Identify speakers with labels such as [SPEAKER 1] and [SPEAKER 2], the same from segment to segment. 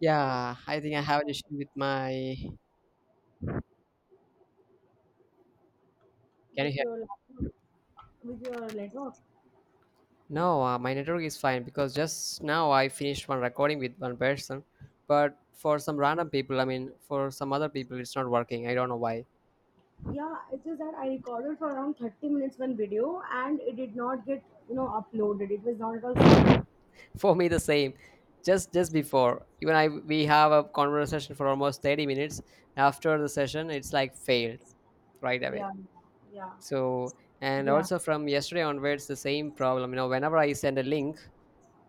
[SPEAKER 1] Yeah, I think I have an issue with my. Can
[SPEAKER 2] With
[SPEAKER 1] you hear?
[SPEAKER 2] your laptop, with your laptop.
[SPEAKER 1] No, my network is fine because just now I finished one recording with one person, but for some random people, I mean, for some other people, it's not working. I don't know why.
[SPEAKER 2] Yeah, it's just that I recorded for around 30 minutes one video and it did not get, uploaded. It was not at all saved.
[SPEAKER 1] For me, the same. Just before, even I we have a conversation for almost 30 minutes. After the session, it's like failed right away.
[SPEAKER 2] Yeah, yeah,
[SPEAKER 1] So, and
[SPEAKER 2] yeah.
[SPEAKER 1] also from yesterday onwards, the same problem. You know, whenever I send a link,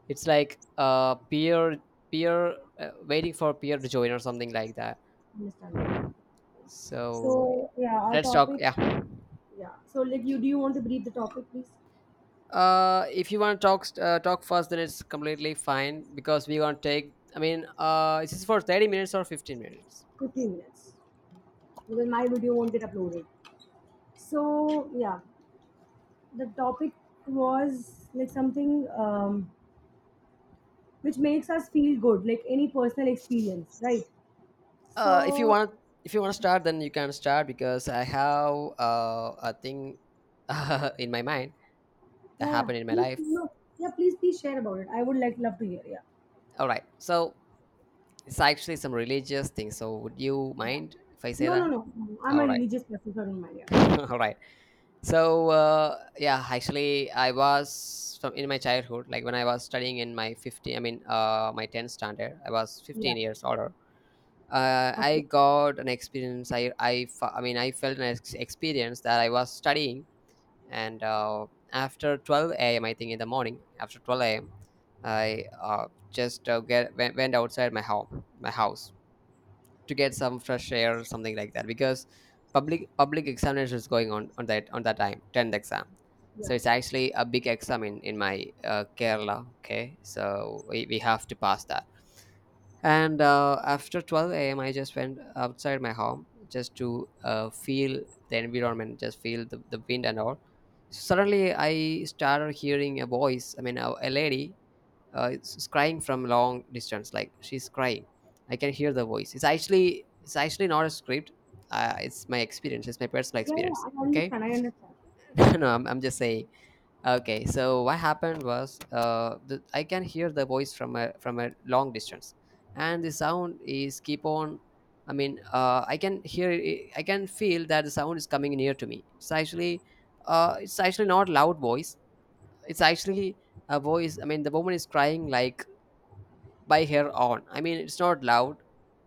[SPEAKER 1] it's like peer peer waiting for peer to join or something like that.
[SPEAKER 2] Understandable.
[SPEAKER 1] So
[SPEAKER 2] So yeah, our
[SPEAKER 1] let's talk.
[SPEAKER 2] topic.
[SPEAKER 1] Yeah.
[SPEAKER 2] Yeah. So like, you do you want to brief the topic, please?
[SPEAKER 1] If you want to talk first, then it's completely fine because we're gonna take. I mean, is this for 30 minutes or 15 minutes?
[SPEAKER 2] 15 minutes because my video won't get uploaded. So yeah, the topic was like something which makes us feel good, like any personal experience, right?
[SPEAKER 1] If you
[SPEAKER 2] So,
[SPEAKER 1] want, if you want to start, then you can start because I have a thing in my mind that
[SPEAKER 2] yeah, yeah,
[SPEAKER 1] happened in my
[SPEAKER 2] please,
[SPEAKER 1] life.
[SPEAKER 2] no. Yeah, please, please share about it. I would like love to hear. Yeah.
[SPEAKER 1] All right, so it's actually some religious thing. So would you
[SPEAKER 2] Yeah,
[SPEAKER 1] mind if I say
[SPEAKER 2] no, no,
[SPEAKER 1] that?
[SPEAKER 2] no, no. I'm a
[SPEAKER 1] All right,
[SPEAKER 2] religious person, so I don't mind.
[SPEAKER 1] all right. So yeah, actually, I was from in my childhood, like when I was studying in my 15, I mean, my 10th standard, I was
[SPEAKER 2] Yeah. Yeah,
[SPEAKER 1] 15 years older.
[SPEAKER 2] Okay.
[SPEAKER 1] I got an experience. I mean, I felt experience that I was studying, and after 12 a.m., I think in the morning, after 12 a.m., I just went outside my house to get some fresh air or something like that, because public examination is going on on that time, 10th exam.
[SPEAKER 2] Yeah,
[SPEAKER 1] So it's actually a big exam in my Kerala. Okay, so we have to pass that. And after 12 a.m., I just went outside my home just to feel the environment, just feel the wind and all. Suddenly I started hearing a voice. I mean a lady, it's crying from long distance, like she's crying. I can hear the voice. It's actually not a script. It's my experience, it's my personal
[SPEAKER 2] yeah, yeah.
[SPEAKER 1] experience.
[SPEAKER 2] I
[SPEAKER 1] Okay.
[SPEAKER 2] understand. I understand.
[SPEAKER 1] No, I'm just saying. Okay, so what happened was, I can hear the voice from a long distance, and the sound is keep on. I mean, I can hear it, I can feel that the sound is coming near to me. It's actually, it's actually not loud voice. It's actually a voice. I mean the woman is crying like by her own. I mean, it's not loud,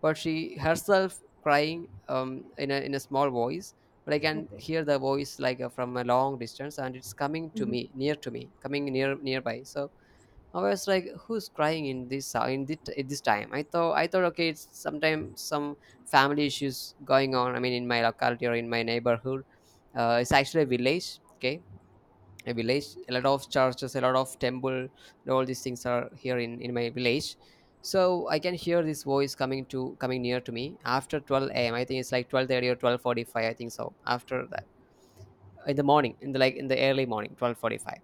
[SPEAKER 1] but she herself crying, in a small voice. But I can
[SPEAKER 2] Okay.
[SPEAKER 1] hear the voice, like, from a long distance, and it's coming to
[SPEAKER 2] Hmm.
[SPEAKER 1] me, near to me, coming near nearby. So I was like, "Who's crying in this, at this time?" I thought okay, it's sometimes some family issues going on. I mean, in my locality or in my neighborhood, it's actually a village. Okay, a village, a lot of churches, a lot of temple, and all these things are here in my village. So I can hear this voice coming near to me after 12 a.m. I think it's like 12:30 or 12:45, I think. So after that, in the morning, in the early morning, 12:45.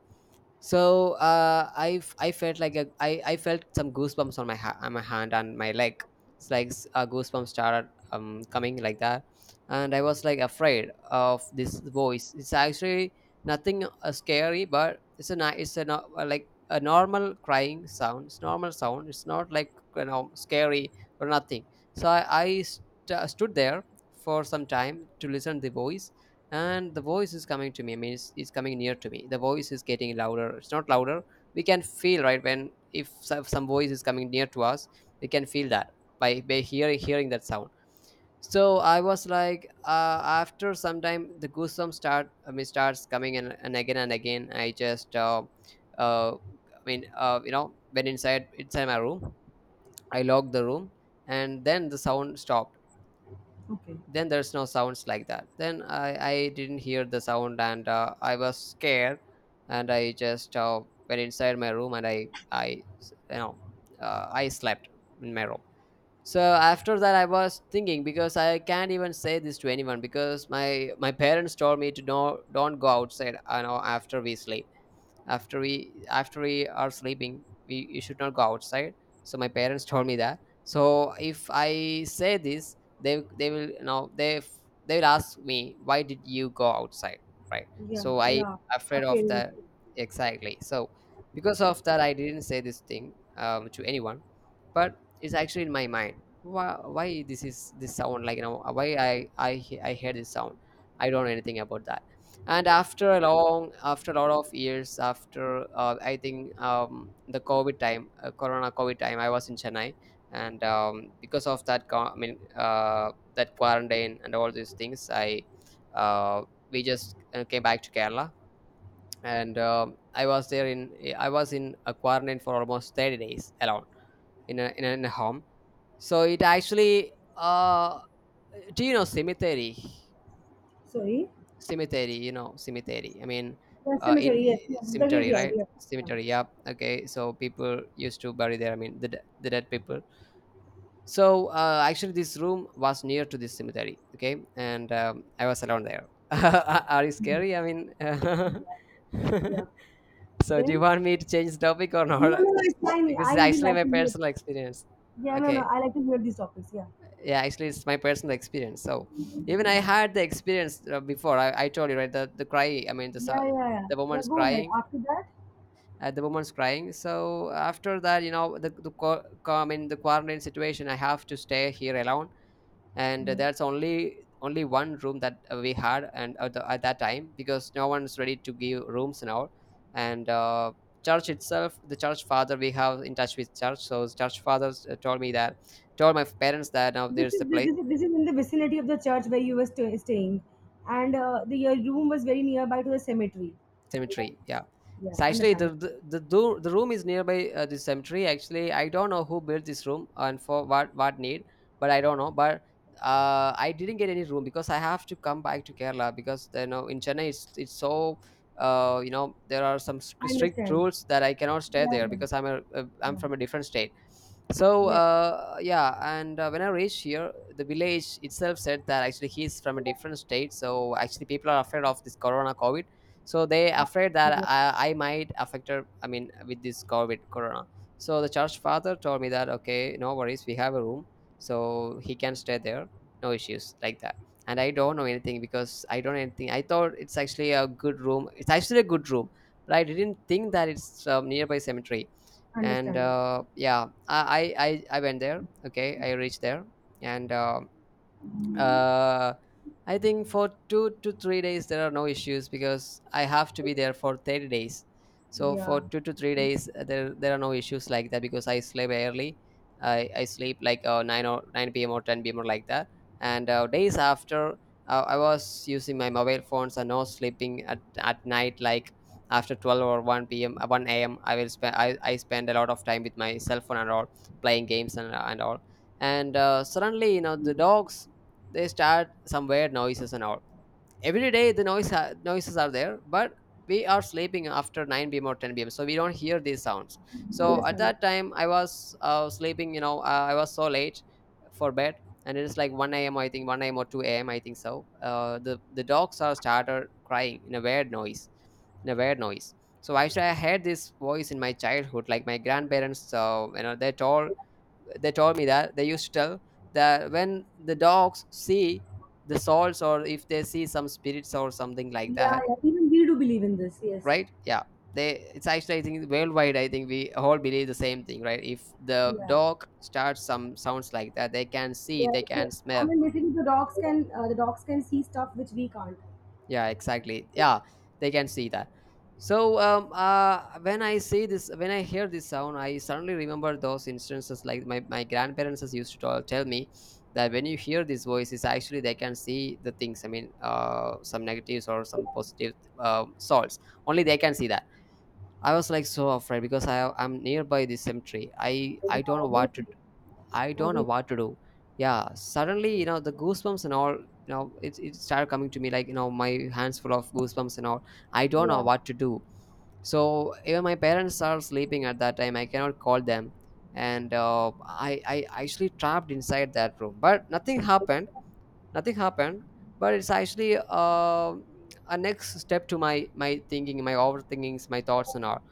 [SPEAKER 1] So I felt I felt some goosebumps on on my hand and my leg. Goosebumps started, coming like that, and I was like afraid of this voice. It's actually nothing scary, but it's a ni- it's a no- like a normal crying sound. It's normal sound. It's not like, scary or nothing. So I stood there for some time to listen to the voice, and the voice is coming to me. I mean it's coming near to me. The voice is getting louder. It's not louder. We can feel, right, when if some voice is coming near to us, we can feel that by hearing that sound. So I was like, after some time the goosebumps start, I mean, starts coming, and again and again, I just I mean, went inside my room. I locked the room, and then the sound stopped.
[SPEAKER 2] Okay.
[SPEAKER 1] Then there's no sounds like that. Then I didn't hear the sound, and I was scared, and I just went inside my room, and I you know I slept in my room. So after that, I was thinking, because I can't even say this to anyone, because my parents told me to, no, don't go outside, after we sleep. After we are sleeping, we you should not go outside. So my parents told me that. So if I say this, they will ask me, why did you go outside? Right,
[SPEAKER 2] Yeah,
[SPEAKER 1] so I
[SPEAKER 2] yeah. Our
[SPEAKER 1] afraid of
[SPEAKER 2] parents.
[SPEAKER 1] that. Exactly. So because of that, I didn't say this thing, to anyone. But it's actually in my mind, why, this is this sound, like, why I hear this sound. I don't know anything about that. And after a long after a lot of years, after I think, the covid time, corona covid time, I was in Chennai. And because of that I mean, that quarantine and all these things, I uh, we just came back to Kerala. And I was in a quarantine for almost 30 days alone in a home. So it actually, do you know Cemetery
[SPEAKER 2] Sorry.
[SPEAKER 1] you know, cemetery, I mean,
[SPEAKER 2] The
[SPEAKER 1] I,
[SPEAKER 2] cemetery, yes, yeah, the
[SPEAKER 1] cemetery,
[SPEAKER 2] graveyard,
[SPEAKER 1] right?
[SPEAKER 2] yeah. Yeah.
[SPEAKER 1] Cemetery, yeah, okay. So people used to bury there. I mean the dead people. So actually this room was near to this cemetery, okay? And I was alone there. Are you scary? I mean.
[SPEAKER 2] Yeah, yeah.
[SPEAKER 1] So do you
[SPEAKER 2] Then.
[SPEAKER 1] want me to change the topic or
[SPEAKER 2] No,
[SPEAKER 1] not?
[SPEAKER 2] no, no, it's fine.
[SPEAKER 1] Because
[SPEAKER 2] I
[SPEAKER 1] it's
[SPEAKER 2] really
[SPEAKER 1] actually
[SPEAKER 2] like
[SPEAKER 1] my
[SPEAKER 2] to hear.
[SPEAKER 1] personal experience.
[SPEAKER 2] Yeah. No, no.
[SPEAKER 1] Okay,
[SPEAKER 2] I like to hear these topics. Yeah.
[SPEAKER 1] yeah, actually it's my personal experience. So even I
[SPEAKER 2] Yeah,
[SPEAKER 1] had the experience before. I told you, right, the cry, I mean,
[SPEAKER 2] yeah, yeah, yeah.
[SPEAKER 1] the
[SPEAKER 2] Yeah,
[SPEAKER 1] woman's
[SPEAKER 2] go ahead.
[SPEAKER 1] crying.
[SPEAKER 2] After that.
[SPEAKER 1] The woman's crying. So after that, I mean the quarantine situation. I have to stay here alone, and that's only one room that we had. And at that time, because no one's ready to give rooms now. And church itself, the church father, we have in touch with church, so church fathers, told my parents that now
[SPEAKER 2] This
[SPEAKER 1] there's a
[SPEAKER 2] is this
[SPEAKER 1] place.
[SPEAKER 2] is this is in the vicinity of the church where you were staying, and the your room was very nearby to the cemetery.
[SPEAKER 1] Cemetery, yeah.
[SPEAKER 2] Yeah,
[SPEAKER 1] So actually
[SPEAKER 2] understand.
[SPEAKER 1] the room is nearby, the cemetery. Actually, I don't know who built this room and for what need, but I don't know. But I didn't get any room because I have to come back to Kerala, because you know, in Chennai, it's so you know, there are some
[SPEAKER 2] I
[SPEAKER 1] strict
[SPEAKER 2] understand.
[SPEAKER 1] rules that I cannot
[SPEAKER 2] Yeah,
[SPEAKER 1] stay there
[SPEAKER 2] yeah,
[SPEAKER 1] because I'm
[SPEAKER 2] yeah,
[SPEAKER 1] from a different state. So
[SPEAKER 2] yeah.
[SPEAKER 1] yeah, and when I reached here, the village itself said that actually he's from a different state. So actually people are afraid of this corona covid. So they
[SPEAKER 2] Yeah.
[SPEAKER 1] afraid that
[SPEAKER 2] Yeah.
[SPEAKER 1] I might affect her. I mean, with this covid corona. So the church father told me that, okay, no worries, we have a room, so he can stay there, no issues like that. And I don't know anything, because I don't know anything. I thought it's actually a good room, it's actually a good room. But I didn't think that it's, nearby cemetery. And
[SPEAKER 2] Understandable.
[SPEAKER 1] yeah, I went there, okay? I reached there. And uh, I think for 2 to 3 days there are no issues, because I have to be there for 30 days. So for
[SPEAKER 2] Yeah,
[SPEAKER 1] 2 to 3 days, there are no issues like that because I sleep early. I sleep like, nine or nine p.m. or ten p.m. or like that. And days after, I was using my mobile phones and no sleeping at night, like after 12 or 1 p.m. uh, 1 a.m. I will spend I spend a lot of time with my cell phone and all, playing games and all. And suddenly, the dogs, they start some weird noises and all. Every day the noises are there, but we are sleeping after 9 p.m. or 10 p.m., so we don't hear these sounds. So at
[SPEAKER 2] understandable.
[SPEAKER 1] that time I was sleeping, I was so late for bed. And it is like 1 a.m., I think 1 a.m. or 2 a.m., I think. So the dogs are started crying in a weird noise, in a weird noise. So actually I heard this voice in my childhood, like my grandparents, you know, they told me that. They used to tell that when the dogs see the souls, or if they see some spirits or something like
[SPEAKER 2] Yeah,
[SPEAKER 1] that.
[SPEAKER 2] yeah. Even we do believe in this. Yes.
[SPEAKER 1] Right, yeah. They, it's actually, I think worldwide, I think we all believe the same thing, right? If the
[SPEAKER 2] Yeah.
[SPEAKER 1] dog starts some sounds like that, they can see,
[SPEAKER 2] Yeah.
[SPEAKER 1] they
[SPEAKER 2] They,
[SPEAKER 1] can
[SPEAKER 2] I
[SPEAKER 1] smell.
[SPEAKER 2] mean, basically, the dogs can see stuff which we can't.
[SPEAKER 1] Yeah, exactly, yeah, they can see that. So when I hear this sound, I suddenly remember those instances, like my grandparents has used to tell me that when you hear these voices, actually they can see the things. I mean, some negatives or some positive, souls only, they can see that. I was like so afraid because I'm nearby this cemetery.
[SPEAKER 2] Yeah, obviously.
[SPEAKER 1] I don't know
[SPEAKER 2] Obviously.
[SPEAKER 1] what to do. Yeah, suddenly, the goosebumps and all, it started coming to me, like, my hands full of goosebumps and all. I don't know
[SPEAKER 2] Yeah.
[SPEAKER 1] what to do. So even my parents are sleeping at that time. I cannot call them. And I actually trapped inside that room. But nothing happened. Nothing happened. But it's actually, a next step to my thinking, my overthinkings, my thoughts and all.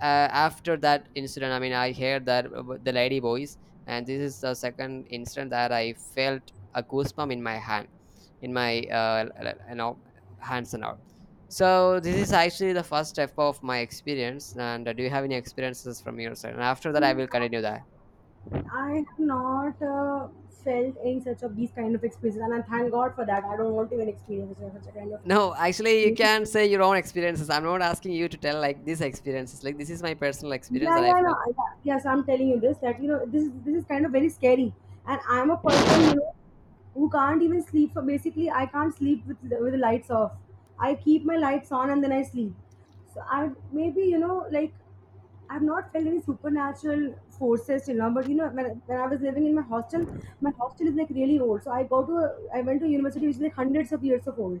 [SPEAKER 1] After that incident, I mean, I heard that about the lady voice. And this is the second incident that I felt a goosebump in my in my uh, l- l- you know hands and all. So this is actually the first step of my experience. And do you have any experiences from your side, and after that I will continue that?
[SPEAKER 2] I have not felt in such of these kind of experiences, and I thank God for that. I don't want to even experience such a kind of.
[SPEAKER 1] No, actually, you can say your own experiences. I'm not asking you to tell like these experiences. Like, this is my personal experience
[SPEAKER 2] Yeah,
[SPEAKER 1] that I
[SPEAKER 2] yeah, no,
[SPEAKER 1] felt.
[SPEAKER 2] I- yeah, yeah. So I'm telling you this, that you know this is kind of very scary, and I'm a person, you know, who can't even sleep. So basically I can't sleep with with the lights off. I keep my lights on and then I sleep. So I, maybe, you know, like I've not felt any supernatural forces till now, but you know, when I was living in my hostel is like really old. So I go to, I went to a university which is like hundreds of years of old.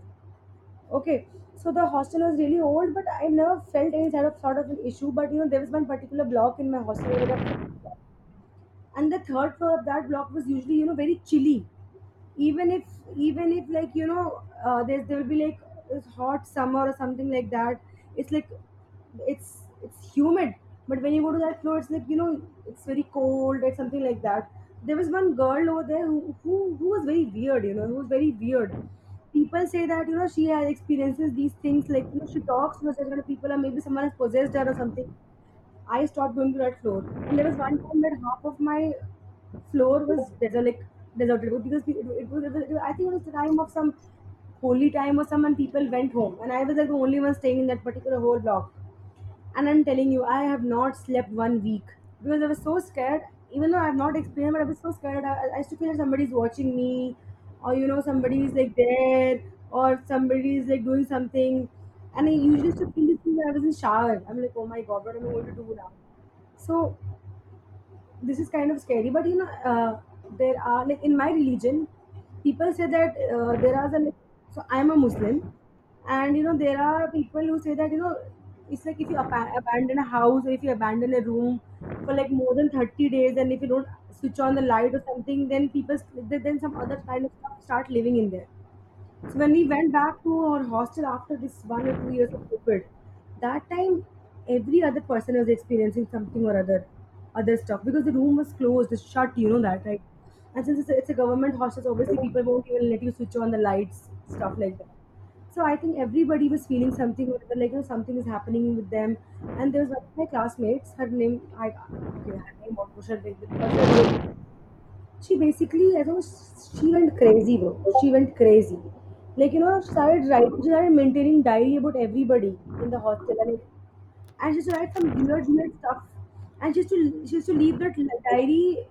[SPEAKER 2] Okay, so the hostel was really old, but I never felt any sort of an issue. But you know, there was one particular block in my hostel where there was, and the third floor of that block was usually, you know, very chilly, even if, like, you know, there will be like this hot summer or something like that. It's like, it's humid, but when you go to that floor, it's like, you know, it's very cold or something like that. There was one girl over there who, who was very weird, you know, who was very weird. People say that, you know, she has experiences these things, like, you know, she talks to certain kind of people or maybe someone has possessed her or something. I stopped going to that floor, and there was one time that half of my floor was derelict, deserted because I think it was the time of some holy time or some, and people went home. And I was like the only one staying in that particular whole block. And I'm telling you, I have not slept 1 week because I was so scared. Even though I've not experienced, but I was so scared. I used to feel like somebody's watching me, or, you know, somebody is like there, or somebody is like doing something. And I usually used to feel this thing that I was in shower. I'm like, oh my god, what am I going to do now? So this is kind of scary, but you know, there are like, in my religion, people say that there are some, so I'm a Muslim, and you know, there are people who say that, you know, it's like if you abandon a house or if you abandon a room for like more than 30 days, and if you don't switch on the light or something, then people, then some other kind of stuff start living in there. So when we went back to our hostel after this 1 or 2 years of COVID, that time every other person was experiencing something or other, other stuff because the room was closed, it's shut. You know that, right? And since it's it's a government hostel, so obviously people won't even let you switch on the lights, stuff like that. So I think everybody was feeling something or other, like, you know, something is happening with them. And there was one of my classmates. Her name, I, okay. Her name, what should I do it? She basically, I know, she went crazy, bro. She went crazy. Like, you know, she started writing, she started maintaining diary about everybody in the hostel, and she used to write some weird, weird stuff. And she used to leave that diary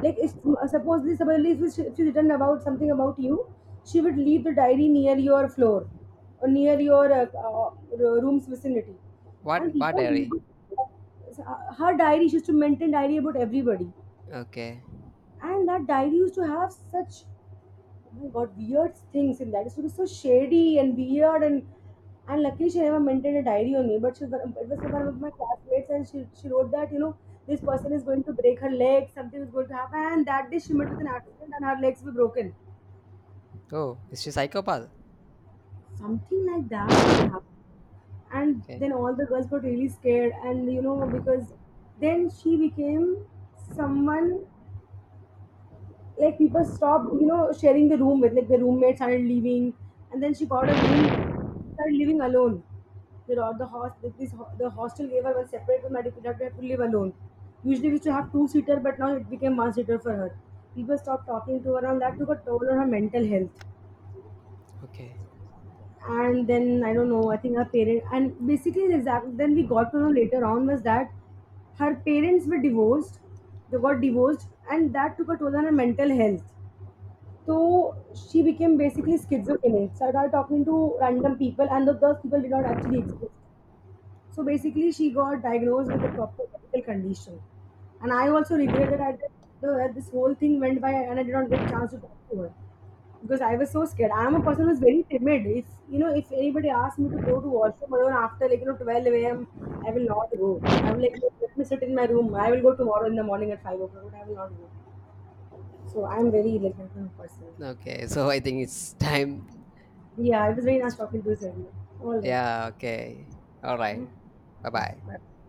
[SPEAKER 2] like if, supposedly if if she written about something about you, she would leave the diary near your floor or near your room's vicinity, and
[SPEAKER 1] What
[SPEAKER 2] people,
[SPEAKER 1] dairy?
[SPEAKER 2] her diary, she used to maintain diary about everybody.
[SPEAKER 1] Okay.
[SPEAKER 2] And that diary used to have such, oh my god, weird things in that. It was so shady and weird, and luckily she never maintained a diary on me, but she was, it was for one of my classmates, and she wrote that, you know, this person is going to break her leg, something is going to happen, and that day she met with an accident and her legs were broken.
[SPEAKER 1] Oh, is she psychopath?
[SPEAKER 2] Something like that was happening. And
[SPEAKER 1] okay
[SPEAKER 2] then all the girls got really scared, and you know, because then she became someone like, people stopped, you know, sharing the room with, like the roommate started leaving, and then she got a room, started living alone. The ro- the host this ho- The hostel gave her one separate room and she had to live alone. Usually we used to have two seater, but now it became one seater for her. People stopped talking to her, and that took a toll on her mental health.
[SPEAKER 1] okay
[SPEAKER 2] And then I don't know, I think her parents, and basically the exact then we got to know later on was that her parents were divorced, they got divorced, and that took a toll on her mental health. So she became basically schizophrenic, started talking to random people, and the, those people did not actually exist. So basically, she got diagnosed with a proper medical condition. And I also regret that that this whole thing went by and I did not get chance to talk to her because I was so scared. I am a person who's very timid. If you know, if anybody asks me to go to washroom alone after like, you know, 12 a.m., I will not go. I'm like, let me sit in my room. I will go tomorrow in the morning at 5 o'clock, but I will not go. So I'm very like that kind of person.
[SPEAKER 1] Okay, so I think it's time.
[SPEAKER 2] Yeah, it was very nice talking to you, Sergio. All right.
[SPEAKER 1] Yeah, okay. All
[SPEAKER 2] Hmm?
[SPEAKER 1] right. Bye
[SPEAKER 2] Yeah.
[SPEAKER 1] bye.
[SPEAKER 2] Bye.